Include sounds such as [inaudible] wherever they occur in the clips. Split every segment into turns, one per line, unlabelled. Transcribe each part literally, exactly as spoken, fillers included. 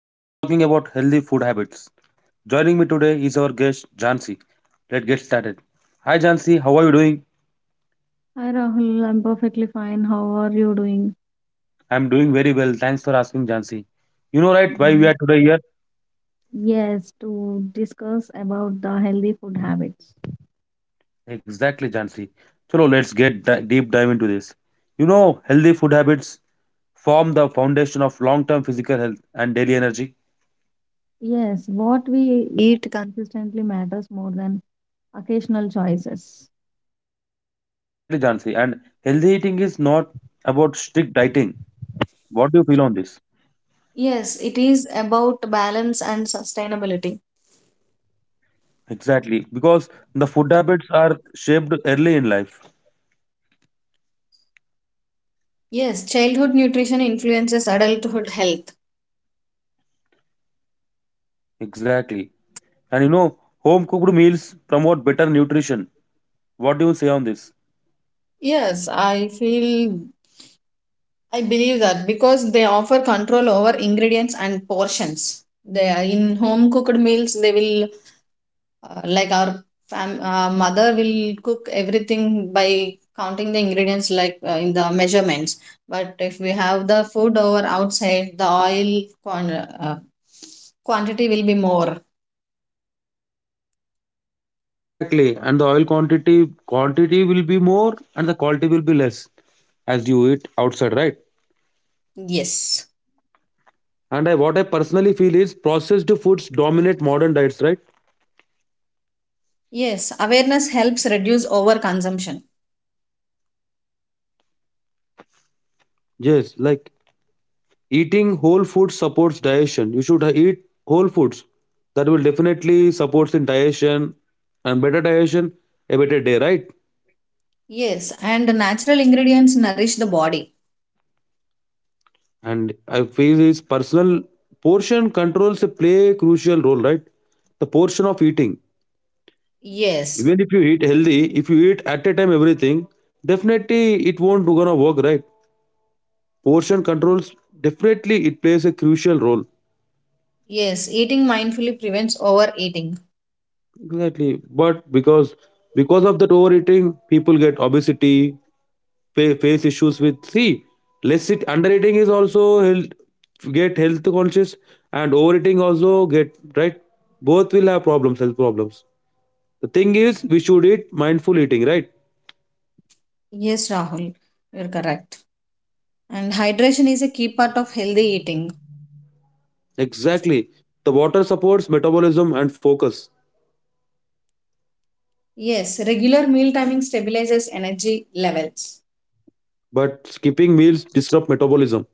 Today we are talking about healthy food habits. Joining me today is our guest Jansi. Let's get started. Hi Jansi, how are you doing?
Hi Rahul, I'm perfectly fine. How are you doing?
I'm doing very well. Thanks for asking Jansi. You know right why we
Mm,
are today here?
yes, to discuss about the healthy food habits.
Exactly Jansi. So let's get di- deep dive into this. You know, healthy food habits form the foundation of long-term physical health and daily energy.
Yes, what we eat consistently matters more than occasional choices.
Exactly Jansi. And healthy eating is not about strict dieting. What do you feel on this?
Yes, it is about balance and sustainability.
Exactly, because the food habits are shaped early in life.
Yes, childhood nutrition influences adulthood health.
Exactly. And you know, home cooked meals promote better nutrition. What do you say on this?
Yes, I feel I believe that because they offer control over ingredients and portions. They are in home cooked meals, they will Uh, like our fam- uh, mother will cook everything by counting the ingredients, like uh, in the measurements, but if we have the food over outside, the oil quan- uh, quantity will be more.
Exactly. And the oil quantity quantity will be more and the quality will be less as you eat outside, right?
Yes.
And I, what I personally feel is processed foods dominate modern diets, right?
Yes, awareness helps reduce over consumption.
Yes, like eating whole foods supports digestion. You should eat whole foods. That will definitely supports in digestion and better digestion, a better day, right?
Yes, and natural ingredients nourish the body.
And I feel this personal portion controls play a crucial role, right? The portion of eating.
Yes.
Even if you eat healthy, if you eat at a time everything, definitely it won't gonna work, right? Portion controls definitely it plays a crucial role.
Yes, eating mindfully prevents overeating.
Exactly, but because because of that overeating, people get obesity, fa- face issues with. See, less it undereating is also health get health conscious, and overeating also get right. Both will have problems, health problems. The thing is, we should eat mindful eating, right?
Yes, Rahul, you're correct, and hydration is a key part of healthy eating.
Exactly. The water supports metabolism and focus,
Yes, regular meal timing stabilizes energy levels.
but skipping meals disrupt metabolism.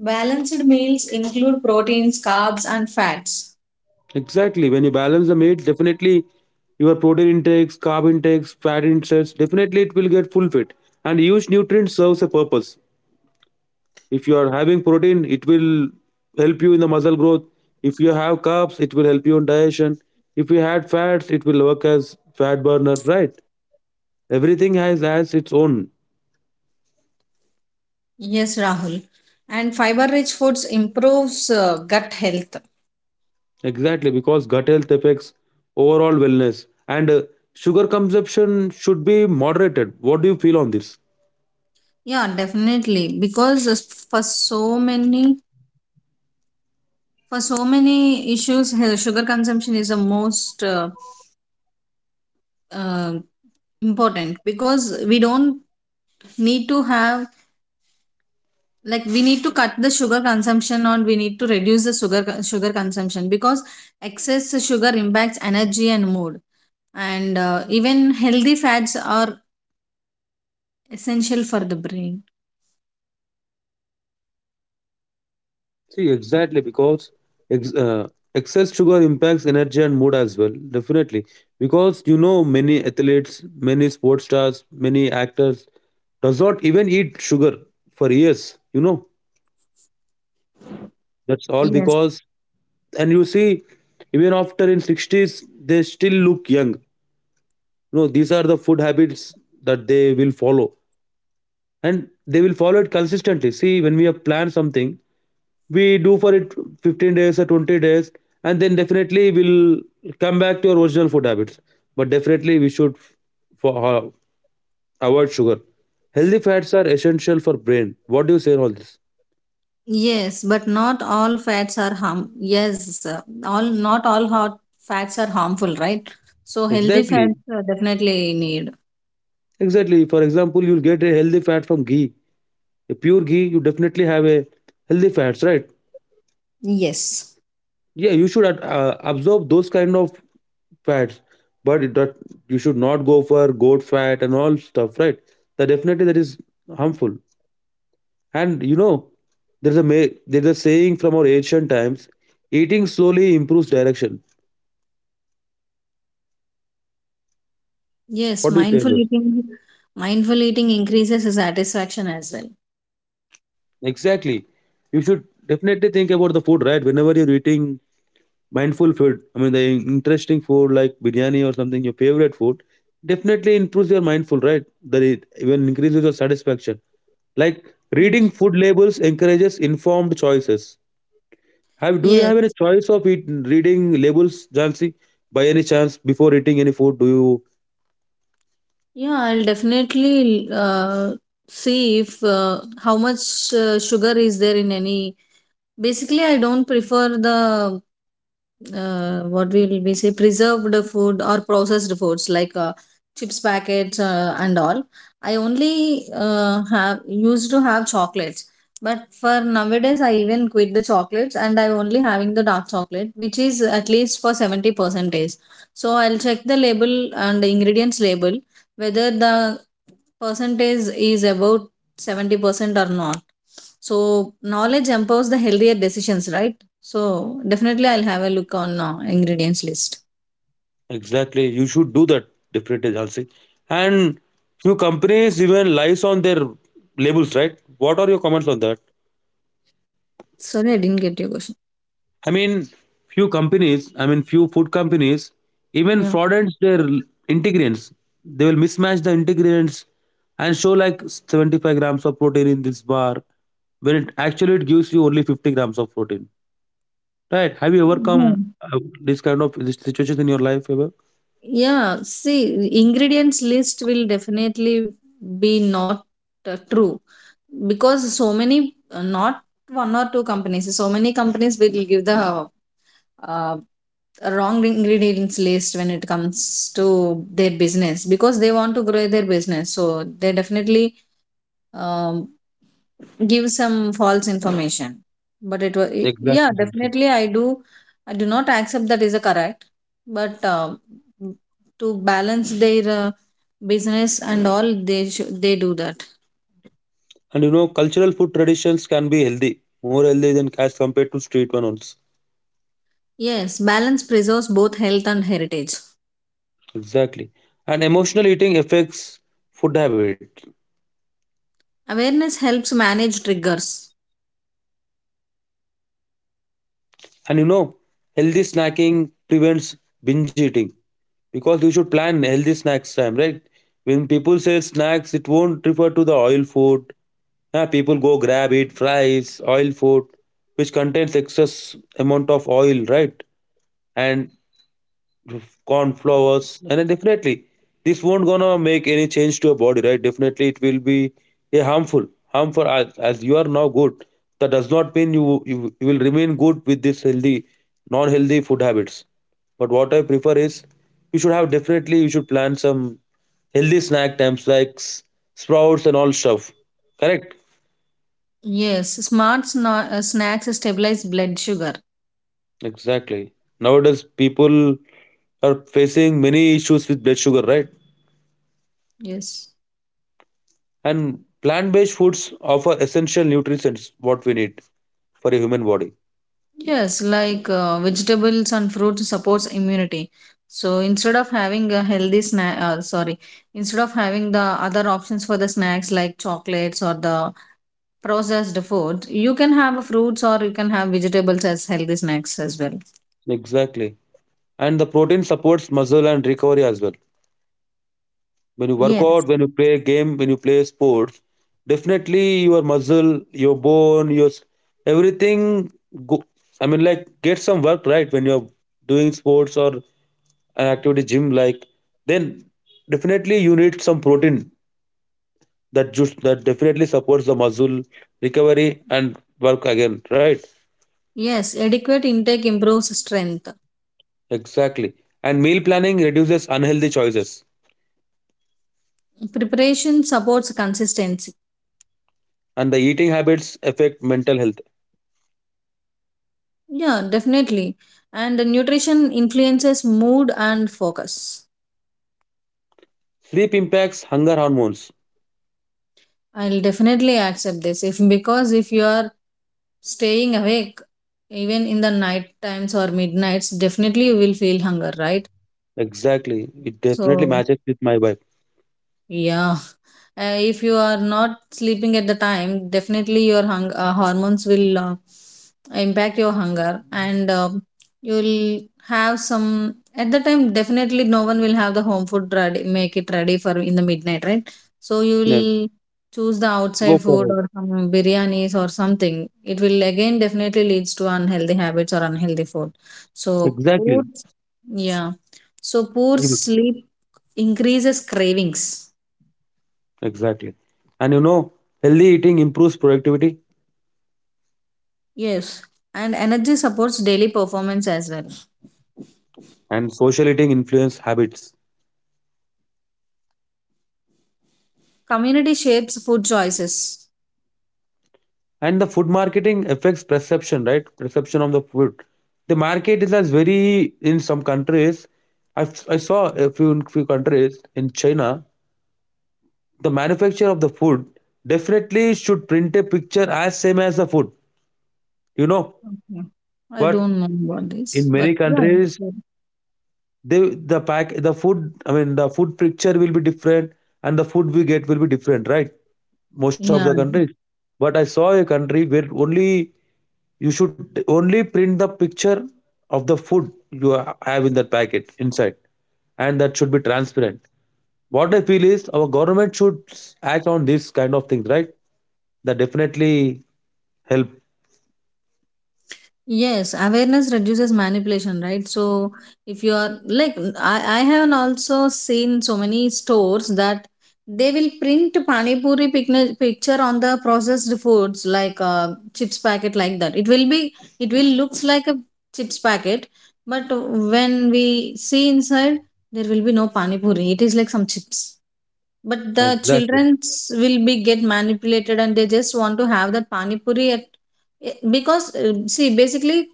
Balanced meals include proteins, carbs, and fats.
Exactly. When you balance the meat, definitely your protein intakes, carb intakes, fat intakes, definitely it will get full fit. And each nutrient serves a purpose. If you are having protein, it will help you in the muscle growth. If you have carbs, it will help you in digestion. If you had fats, it will work as fat burner, right? Everything has has its own.
Yes, Rahul. And fiber rich foods improves uh, gut health.
Exactly, because gut health affects overall wellness. And uh, sugar consumption should be moderated. What do you feel on this?
Yeah, definitely, because uh, for so many for so many issues, uh, sugar consumption is the most uh, uh, important, because we don't need to have, like, we need to cut the sugar consumption or we need to reduce the sugar sugar consumption, because excess sugar impacts energy and mood. And uh, even healthy fats are essential for the brain.
See, exactly, because ex- uh, excess sugar impacts energy and mood as well, definitely. Because you know, many athletes, many sports stars, many actors does not even eat sugar for years. You know, that's all
Yes.
because, and you see, even after in sixties, they still look young. You know, these are the food habits that they will follow, and they will follow it consistently. See, when we have planned something, we do for it fifteen days or twenty days, and then definitely we'll come back to our original food habits, but definitely we should for, uh, avoid sugar. Healthy fats are essential for brain. What do you say in all this?
Yes, but not all fats are harm, yes, uh, all not all hot fats are harmful, right? So healthy
Exactly,
fats, uh, definitely need.
exactly. For example, you'll get a healthy fat from ghee. A pure ghee, you definitely have a healthy fats, right?
Yes.
Yeah, you should ad- uh, absorb those kind of fats, but it not, you should not go for goat fat and all stuff, right? That definitely that is harmful. And you know, there's a ma- there's a saying from our ancient times: eating slowly improves direction.
Yes,
What do you say on
mindful
this?
eating. Mindful eating increases satisfaction as well.
Exactly. You should definitely think about the food, right? Whenever you're eating mindful food, I mean the interesting food like biryani or something, your favorite food, definitely improves your mindful, right? That it even increases your satisfaction. Like reading
Yes.
food labels encourages informed choices. Have do you
Yes.
have any choice of eat, reading labels, Jansi? By any chance, before eating any food, do you?
Yeah, I'll definitely uh, see if uh, how much uh, sugar is there in any. Basically, I don't prefer the uh, what will we say preserved food or processed foods, like uh, chips packets uh, and all. I only uh, have used to have chocolates, but for nowadays I even quit the chocolates and I'm only having the dark chocolate, which is at least for seventy percentage. So I'll check the label and the ingredients label, whether the percentage is about seventy percent or not. So knowledge empowers the healthier decisions, right? So definitely I'll have a look on uh, ingredients list.
Exactly. You should do that definitely, Jhansi. And few companies even lies on their labels, right? What are your comments on that?
Sorry, I didn't get your question.
I mean, few companies, I mean, few food companies even
Yeah,
fraudulent their l- ingredients. They will mismatch the ingredients and show like seventy-five grams of protein in this bar when it actually it gives you only fifty grams of protein. Right? Have you ever
yeah.
come uh, this kind of this situation in your life ever?
Yeah, see, ingredients list will definitely be not uh, true, because so many, uh, not one or two companies, so many companies will give the uh, wrong ingredients list when it comes to their business, because they want to grow their business. So they definitely um, give some false information, but it was. Yeah,
Exactly. Jhansi.
definitely I do. I do not accept that is a correct, but um, to balance their uh, business and all, they should, they do that.
And you know, cultural food traditions can be healthy, more healthy than as compared to street one also.
Yes, balance preserves both health and heritage.
Exactly. And emotional eating affects food habit.
Awareness helps manage triggers.
And you know, healthy snacking prevents binge eating because you should plan healthy snacks time, right? When people say snacks, it won't refer to the oil food. Yeah, people go grab it, fries, oil food, which contains excess amount of oil, right? And corn flowers, and then definitely this won't gonna make any change to your body, right? Definitely it will be a harmful harmful as, as you are now good, that does not mean you, you you will remain good with this healthy non-healthy food habits. But what I prefer is you should have definitely you should plan some healthy snack times like s- sprouts and all stuff, correct?
Yes, smart sna- uh, snacks stabilize blood sugar.
Exactly. Nowadays people are facing many issues with blood sugar, right?
Yes.
And plant based foods offer essential nutrients what we need for a human body.
Yes, like uh, vegetables and fruits supports immunity. So instead of having a healthy snack, uh, sorry, instead of having the other options for the snacks like chocolates or the processed foods, you can have fruits or you can have vegetables as healthy snacks as well.
Exactly. And the protein supports muscle and recovery as well. When you work
Yes,
out, when you play a game, when you play sports, definitely your muscle, your bone, your s- everything go, I mean like get some work, right? When you're doing sports or an activity gym like, then definitely you need some protein. That just that definitely supports the muscle recovery and work again, right?
yes, adequate intake improves strength.
Exactly. And meal planning reduces unhealthy choices.
Preparation supports consistency.
And the eating habits affect mental health.
Yeah, definitely. And nutrition influences mood and focus.
Sleep impacts hunger hormones.
I'll definitely accept this, if because if you are staying awake even in the night times or midnights, definitely you will feel hunger, right?
Exactly. It definitely
So,
matches with my wife.
yeah. Uh, if you are not sleeping at the time, definitely your hung- uh, hormones will uh, impact your hunger, and uh, you'll have some at the time, definitely no one will have the home food ready, make it ready for in the midnight, right? So you
Yeah,
will choose the
go
outside
for
food
it.
or some biryanis or something, it will again definitely leads to unhealthy habits or unhealthy food. So poor,
Exactly.
yeah, so poor
You-
sleep increases cravings.
exactly. And you know, healthy eating improves productivity.
Yes, and energy supports daily performance as well.
And social eating influence habits.
Community shapes food choices.
And the food marketing affects perception, right? Perception of the food. The market is as very in some countries. I've, I saw a few few countries in China. The manufacture of the food definitely should print a picture as same as the food. You know,
Okay. I don't
but
know about this,
in
but
many
yeah, it's
countries
good.
they the pack the food, I mean the food picture will be different, and the food we get will be different, right? Most of the
Yeah.
countries, but I saw a country where only you should only print the picture of the food you ha- have in that packet inside, and that should be transparent. What I feel is our government should s- act on these kind of things, right? That definitely help.
Yes, awareness reduces manipulation, right? So if you are like I, I have not also seen so many stores that they will print pani puri picni- picture on the processed foods like uh, chips packet like that. It will be, it will looks like a chips packet, but when we see inside, there will be no pani puri. It is like some chips. But the
Exactly,
childrens will be get manipulated and they just want to have that pani puri at, eh, because eh, see basically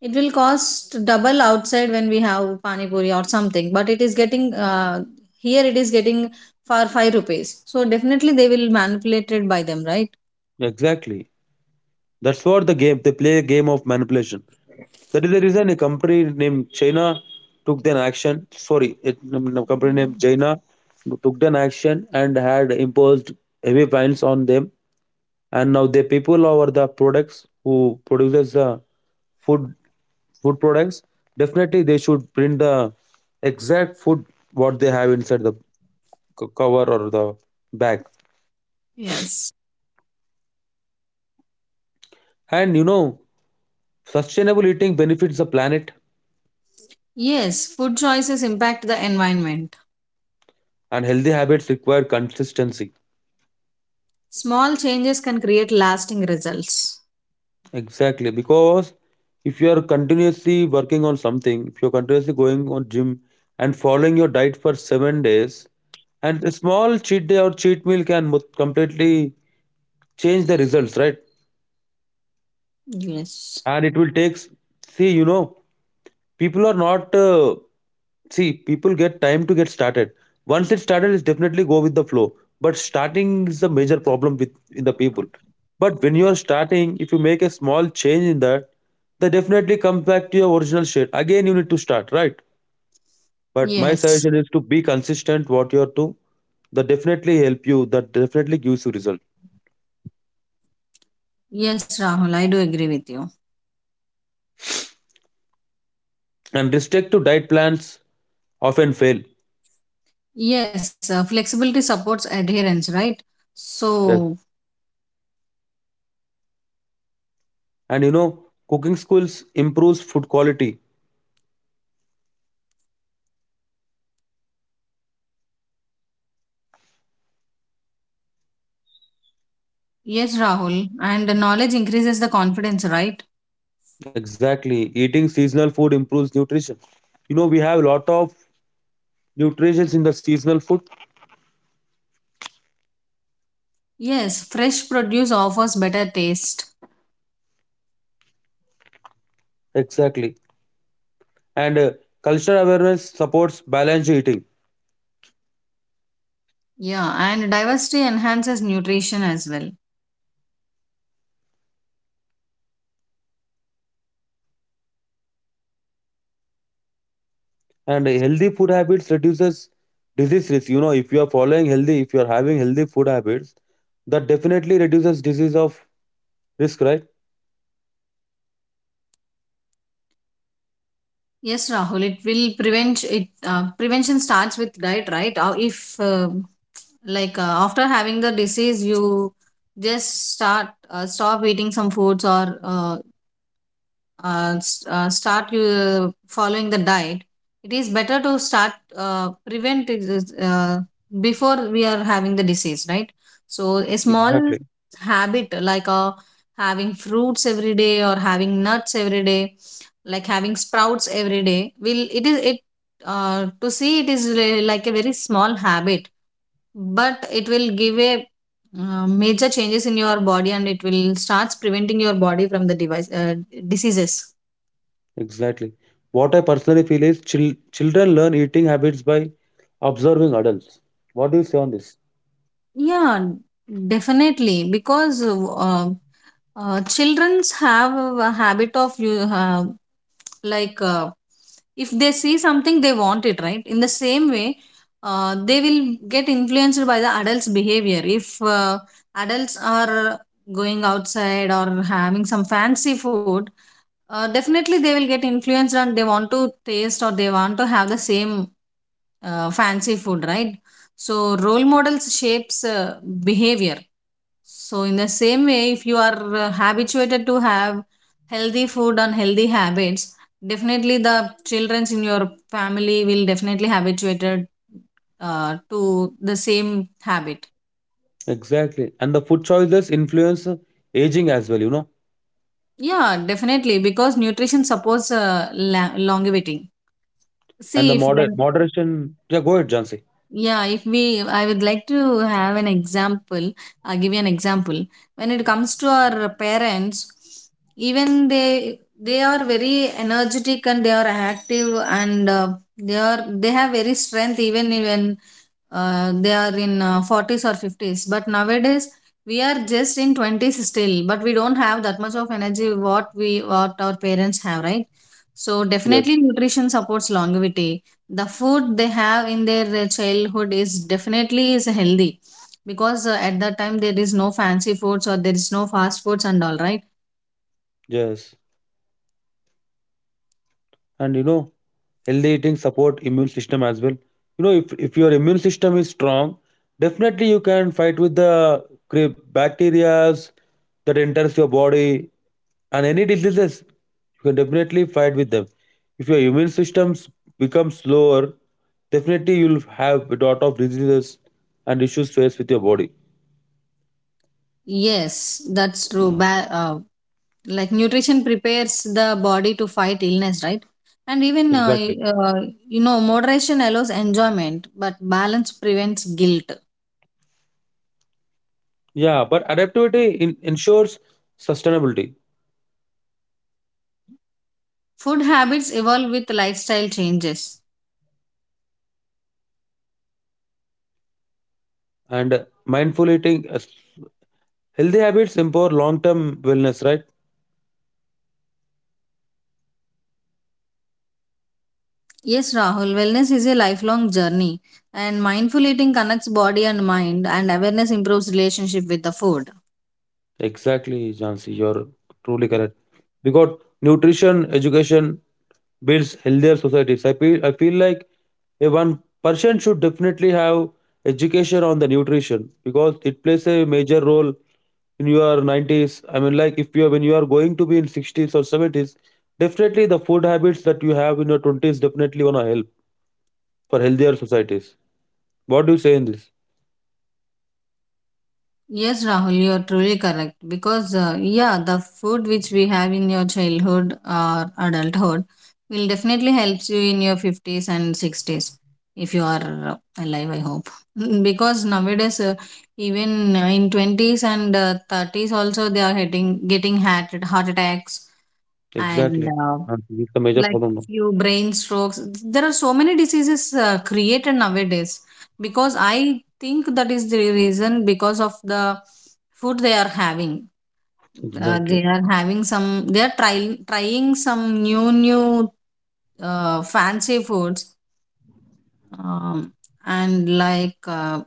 it will cost double outside when we have pani puri or something, but it is getting uh, here it is getting for five rupees, so definitely they will manipulated by them, right?
exactly. That's what the game, they play a game of manipulation. That is the reason a company named China took an action. Sorry, it, a company named China took an action and had imposed heavy fines on them. And now the people over the products who produces the food food products, definitely they should print the exact food what they have inside the c- cover or the bag.
Yes.
And you know, sustainable eating benefits the planet.
Yes, food choices impact the environment.
And healthy habits require consistency.
Small changes can create lasting results.
Exactly. Because if you are continuously working on something, if you're continuously going on gym and following your diet for seven days, and a small cheat day or cheat meal can mo- completely change the results, right?
Yes.
And it will takes, see you know, people are not uh, see people get time to get started. Once it started it's definitely go with the flow, but starting is the major problem with in the people. But when you are starting, if you make a small change in that, they definitely come back to your original shape again, you need to start, right? But my
Yes.
suggestion is to be consistent what you are to. That definitely help you, that definitely gives you result.
Yes, Rahul, I do agree with you.
And restrict to diet plans often fail.
Yes, uh, flexibility supports adherence, right?
Yes.
So,
And you know, cooking schools improves food quality.
yes, Rahul, and knowledge increases the confidence, right?
Exactly. Eating seasonal food improves nutrition. You know, we have a lot of nutrients in the seasonal food.
Yes, fresh produce offers better taste.
Exactly. And uh, cultural awareness supports balanced eating.
Yeah, and diversity enhances nutrition as well.
And healthy food habits reduces disease risk. You know, if you are following healthy, if you are having healthy food habits, that definitely reduces disease of risk, right?
Yes, Rahul, it will prevent it. Uh, prevention starts with diet, right? Uh, if uh, like uh, after having the disease, you just start uh, stop eating some foods or uh, uh, s- uh, start you following the diet, it is better to start uh, prevent it is, uh, before we are having the disease, right? So a small
Exactly.
habit like uh, having fruits every day or having nuts every day, like having sprouts every day, will, it is it, uh, to see it is re- like a very small habit, but it will give a uh, major changes in your body, and it will starts preventing your body from the device uh, diseases.
Exactly. What I personally feel is chil- children learn eating habits by observing adults. What do you say on this?
Yeah, definitely. Because uh, uh, childrens have a habit of you uh, like uh, if they see something they want it, right. In the same way, uh, they will get influenced by the adults' behavior. If uh, adults are going outside or having some fancy food, uh, definitely they will get influenced and they want to taste or they want to have the same uh, fancy food, right? So role models shapes uh, behavior. So, in the same way, if you are uh, habituated to have healthy food and healthy habits, definitely the childrens in your family will definitely habituated uh, to the same habit.
Exactly. And the food choices influence uh, aging as well, you know.
Yeah, definitely, because nutrition supports uh, la- longevity.
And the
See if
moder-
when,
moderation. Yeah, go ahead, Jansi.
yeah, if we, I would like to have an example. I'll give you an example. When it comes to our parents, even they they are very energetic and they are active, and uh, they are they have very strength even when uh, they are in uh, forties or fifties. But nowadays we are just in twenties still, but we don't have that much of energy what we, what our parents have, right? So definitely
Yes.
nutrition supports longevity. The food they have in their uh, childhood is definitely is healthy, because uh, at that time there is no fancy foods or there is no fast foods and all, right?
Yes. And you know, healthy eating support immune system as well. You know, if, if your immune system is strong, definitely you can fight with the cri- bacterias that enters your body, and any diseases you can definitely fight with them. If your immune systems become slower, definitely you'll have a lot of diseases and issues faced with your body.
Yes, that's true. Mm. Ba- uh, like nutrition prepares the body to fight illness, right? And even uh,
Exactly.
uh, you know, moderation allows enjoyment, but balance prevents guilt.
Yeah, but adaptivity in, ensures sustainability.
Food habits evolve with lifestyle changes.
And uh, mindful eating uh, healthy habits empower long-term wellness, right?
Yes, Rahul, wellness is a lifelong journey, and mindful eating connects body and mind, and awareness improves relationship with the food.
Exactly, Jansi. You're truly correct. Because nutrition, education builds healthier societies. I feel I feel like a one person should definitely have education on the nutrition because it plays a major role in your nineties. i mean like if you are, when you are going to be in sixties or seventies, definitely the food habits that you have in your twenties definitely want to help for healthier societies. What do you say in this?
Yes, Rahul, you are truly correct because, uh, yeah, the food which we have in your childhood or adulthood will definitely helps you in your fifties and sixties, if you are uh, alive, I hope. [laughs] Because nowadays, uh, even uh, in twenties and uh, thirties, also they are getting, getting heart, heart attacks and
Exactly.
uh,
And this is the major
like
problem now.
few brain strokes, there are so many diseases uh, created nowadays, because I think that is the reason, because of the food they are having. Uh, they
Exactly.
are having some, they are trying trying some new new uh, fancy foods, um, and like uh,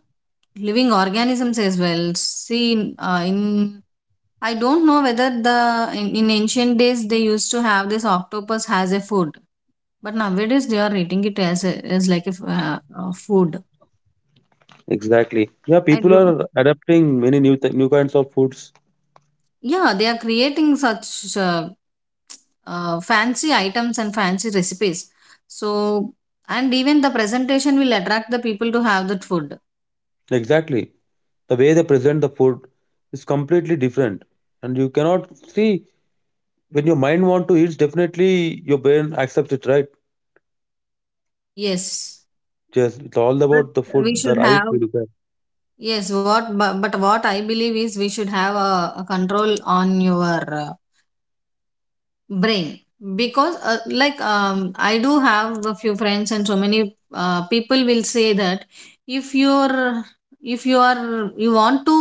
living organisms as well. See uh, in, I don't know whether the in, in ancient days they used to have this octopus as a food, but nowadays they are eating it as a, as like a f- uh, uh, food.
Exactly. Yeah,
I
people
do.
are adapting many new th- new kinds of foods.
Yeah, they are creating such uh, uh, fancy items and fancy recipes. So and even the presentation will attract the people to have that food.
Exactly. The way they present the food is completely different. And you cannot see, when your mind want to eat, definitely your brain accepts it, right?
Yes,
Yes, it's all
but
about the
we
food that
should
eyes
have,
will look at.
yes. What but, but what I believe is we should have a, a control on your. Uh, Brain, because uh, like um, I do have a few friends and so many uh, people will say that if you're, if you are you want to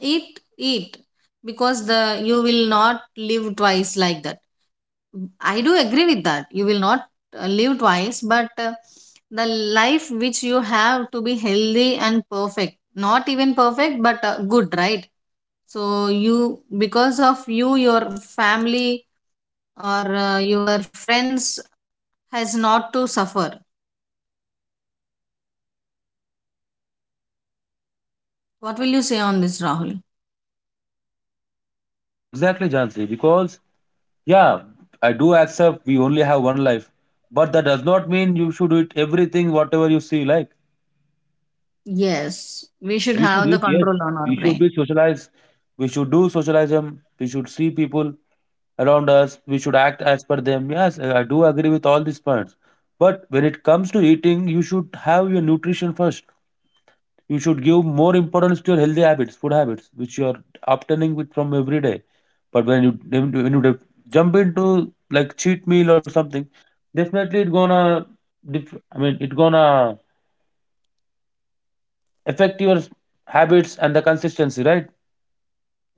eat eat, because the you will not live twice, like that. I do agree with that, you will not uh, live twice, but uh, the life which you have to be healthy and perfect, not even perfect but uh, good, right? So you, because of you your family or uh, your friends has not to suffer. What will you say on this, Rahul?
Exactly, Jansi. Because yeah, I do accept we only have one life, but that does not mean you should eat everything whatever you see like.
Yes, we should
We
have
should
the
eat, yes.
control on our
We should
brain.
be socialized. We should do socialism. We should see people around us. We should act as per them. Yes, I I do agree with all these points. But when it comes to eating, you should have your nutrition first. You should give more importance to your healthy habits, food habits, which you are obtaining with from every day. But when you when you jump into like cheat meal or something, definitely it gonna. Dif- I mean, it gonna affect your habits and the consistency, right?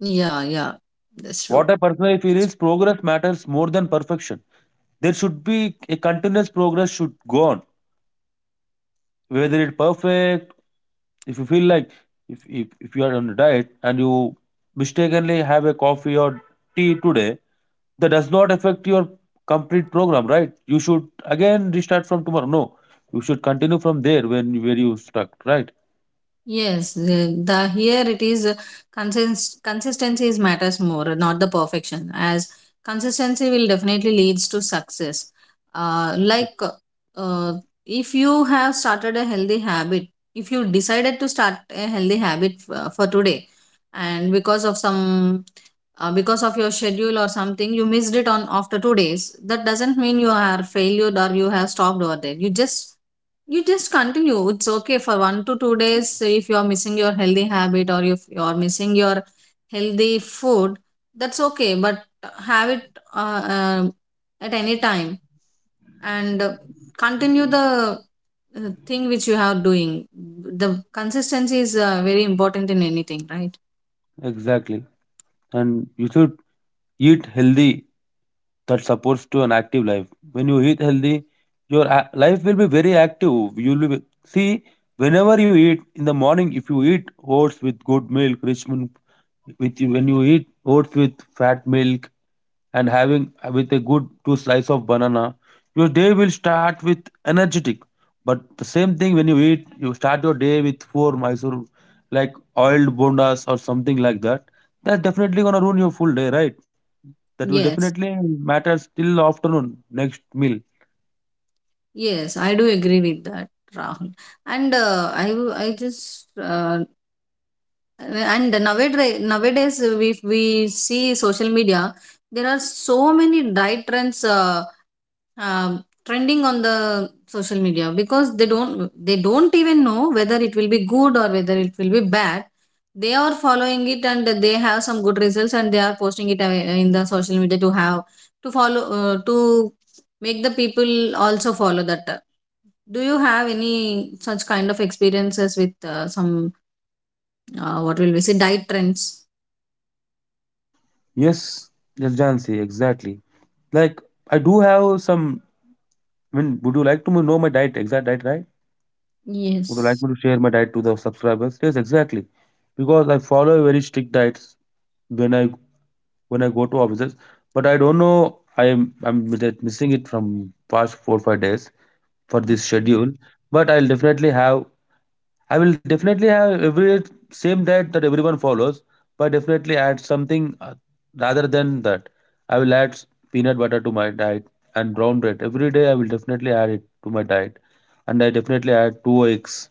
Yeah, yeah. That's true.
What I personally feel is progress matters more than perfection. There should be a continuous progress should go on. Whether it's perfect, if you feel like, if, if, if you are on a diet and you mistakenly have a coffee or tea today, that does not affect your complete program, right? You should again restart from tomorrow. No, you should continue from there when where you stuck, right?
Yes, the, the here it is uh, consist, consistency is matters more, uh, not the perfection. As consistency will definitely leads to success. Uh,
Ex-
like uh, if you have started a healthy habit, if you decided to start a healthy habit for, for today, and because of some uh, because of your schedule or something you missed it on after two days. That doesn't mean you are failed or you have stopped over there. You just you just continue. It's okay for one to two days if you are missing your healthy habit or if you are missing your healthy food. That's okay, but have it uh, uh, at any time and uh, continue the uh, thing which you are doing. The consistency is uh, very important in anything, right?
Exactly. And you should eat healthy that supports to an active life. When you eat healthy, your a- life will be very active. You will be see, whenever you eat in the morning, if you eat oats with good milk, rich milk, with you, when you eat oats with fat milk and having with a good two slice of banana, your day will start with energetic. But the same thing, when you eat, you start your day with four mysore, like oiled bondas or something like that, that's definitely gonna ruin your full day, right? That will
Yes,
definitely matter till afternoon, next meal.
yes, I do agree with that, Rahul. And uh, I w- I just uh, and nowadays nowadays if we see social media, there are so many diet trends uh, um trending on the social media. Because they don't they don't even know whether it will be good or whether it will be bad, they are following it, and they have some good results, and they are posting it uh, in the social media to have to follow uh, to make the people also follow that. Do you have any such kind of experiences with uh, some, uh, what will we say, diet trends?
Yes, yes, Jansi, exactly. Like, I do have some. I mean, would you like to know my diet, exact diet, right? Would you like
Yes.
me to share my diet to the subscribers? Yes, exactly. Because I follow a very strict diets when I when I go to offices, but I don't know. I am I'm mis- missing it from past four five days for this schedule. But I'll definitely have I will definitely have every same diet that everyone follows, but definitely add something uh, rather than that. I will add s- Peanut butter to my diet and brown bread every day. I will definitely add it to my diet, and I definitely add two eggs,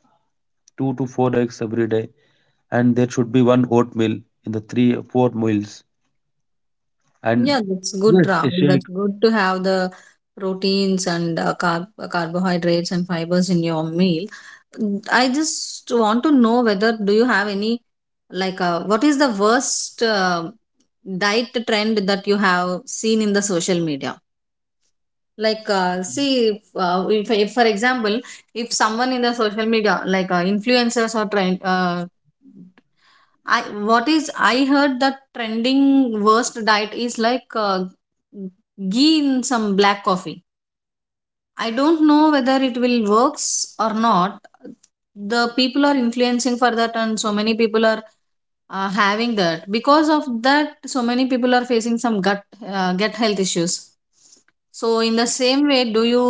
two to four eggs every day, and there should be one oatmeal in the three or four meals. And
Yeah, that's
yes,
good
a
round.
shake.
That's good to have the proteins and uh, carb uh, carbohydrates and fibers in your meal. Mm, I just want to know whether do you have any, like uh, what is the worst uh, diet trend that you have seen in the social media? Like uh, see, if, uh, if, if for example, if someone in the social media, like uh, influencers or trend uh, I what is I heard that trending worst diet is like uh, ghee in some black coffee. I don't know whether it will works or not. The people are influencing for that, and so many people are uh, having that. Because of that, so many people are facing some gut uh, gut health issues. So in the same way, do you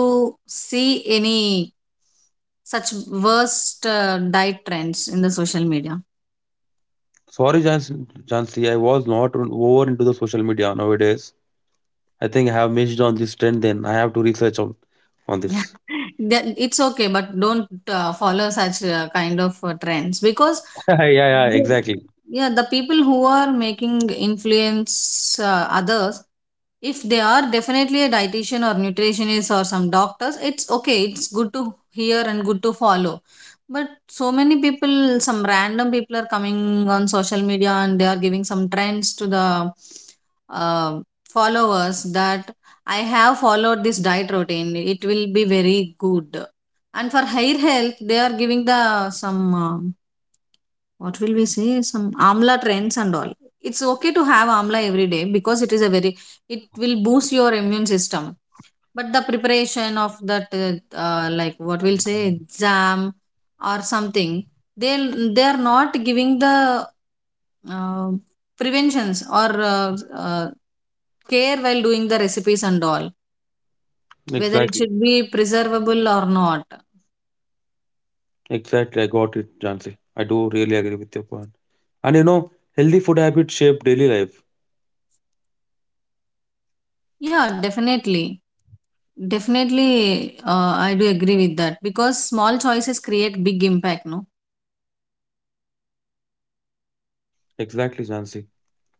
see any such worst uh, diet trends in the social media?
Sorry, Jansi, I was not on- over into the social media nowadays. I think I have missed on this trend. Then I have to research on on
Yeah.
this.
[laughs] Then it's okay, but don't uh, follow such uh, kind of uh, trends, because
[laughs] Yeah, yeah, exactly.
yeah, the people who are making influence uh, others, if they are definitely a dietitian or nutritionist or some doctors, it's okay. It's good to hear and good to follow. But so many people, some random people, are coming on social media and they are giving some trends to the uh, followers that I have followed this diet routine, it will be very good. And for hair health, they are giving the some, uh, what will we say, some amla trends and all. It's okay to have amla every day because it is a very it will boost your immune system. But the preparation of that uh, uh, like what we'll say exam or something, they they are not giving the uh, preventions or uh, uh, care while doing the recipes and all, whether it
Exactly.
should be preservable or not.
Exactly. I got it, Jansi. I do really agree with your point. And you know, healthy food habits shape daily life.
Yeah, definitely. Definitely, uh, I do agree with that because small choices create big impact, no?
Exactly, Jansi.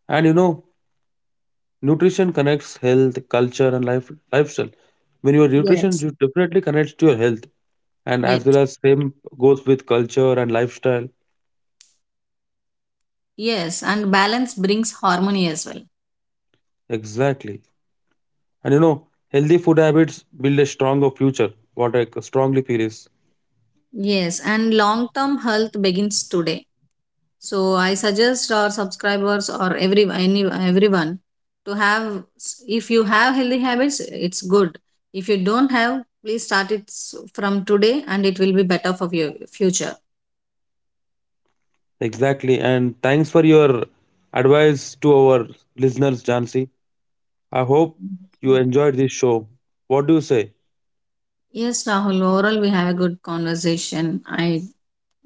And you know, nutrition connects health, culture, and life lifestyle. When your nutrition,
Yes.
you definitely connects to your health. And as well
Yes.
as same goes with culture and lifestyle.
Yes, and balance brings harmony as well.
Exactly. And you know, healthy food habits build a stronger future. What I strongly feel is,
Yes, and long term health begins today. So I suggest our subscribers, or every any everyone, to have, if you have healthy habits, it's good. If you don't have, please start it s- from today and it will be better for your future.
exactly, and thanks for your advice to our listeners, Jansi. I hope you enjoyed this show. What do you say?
Yes, Rahul. Overall, we have a good conversation. I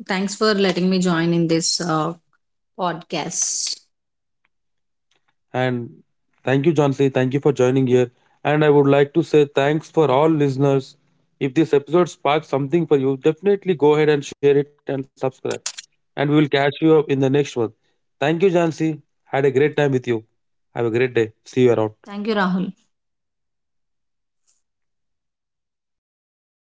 Thanks for letting me join in this uh, podcast.
And thank you, Jansi. Thank you for joining here. And I would like to say thanks for all listeners. If this episode sparked something for you, definitely go ahead and share it and subscribe. And we will catch you up in the next one. Thank you, Jansi. Had a great time with you. Have a great day. See you around.
Thank you, Rahul.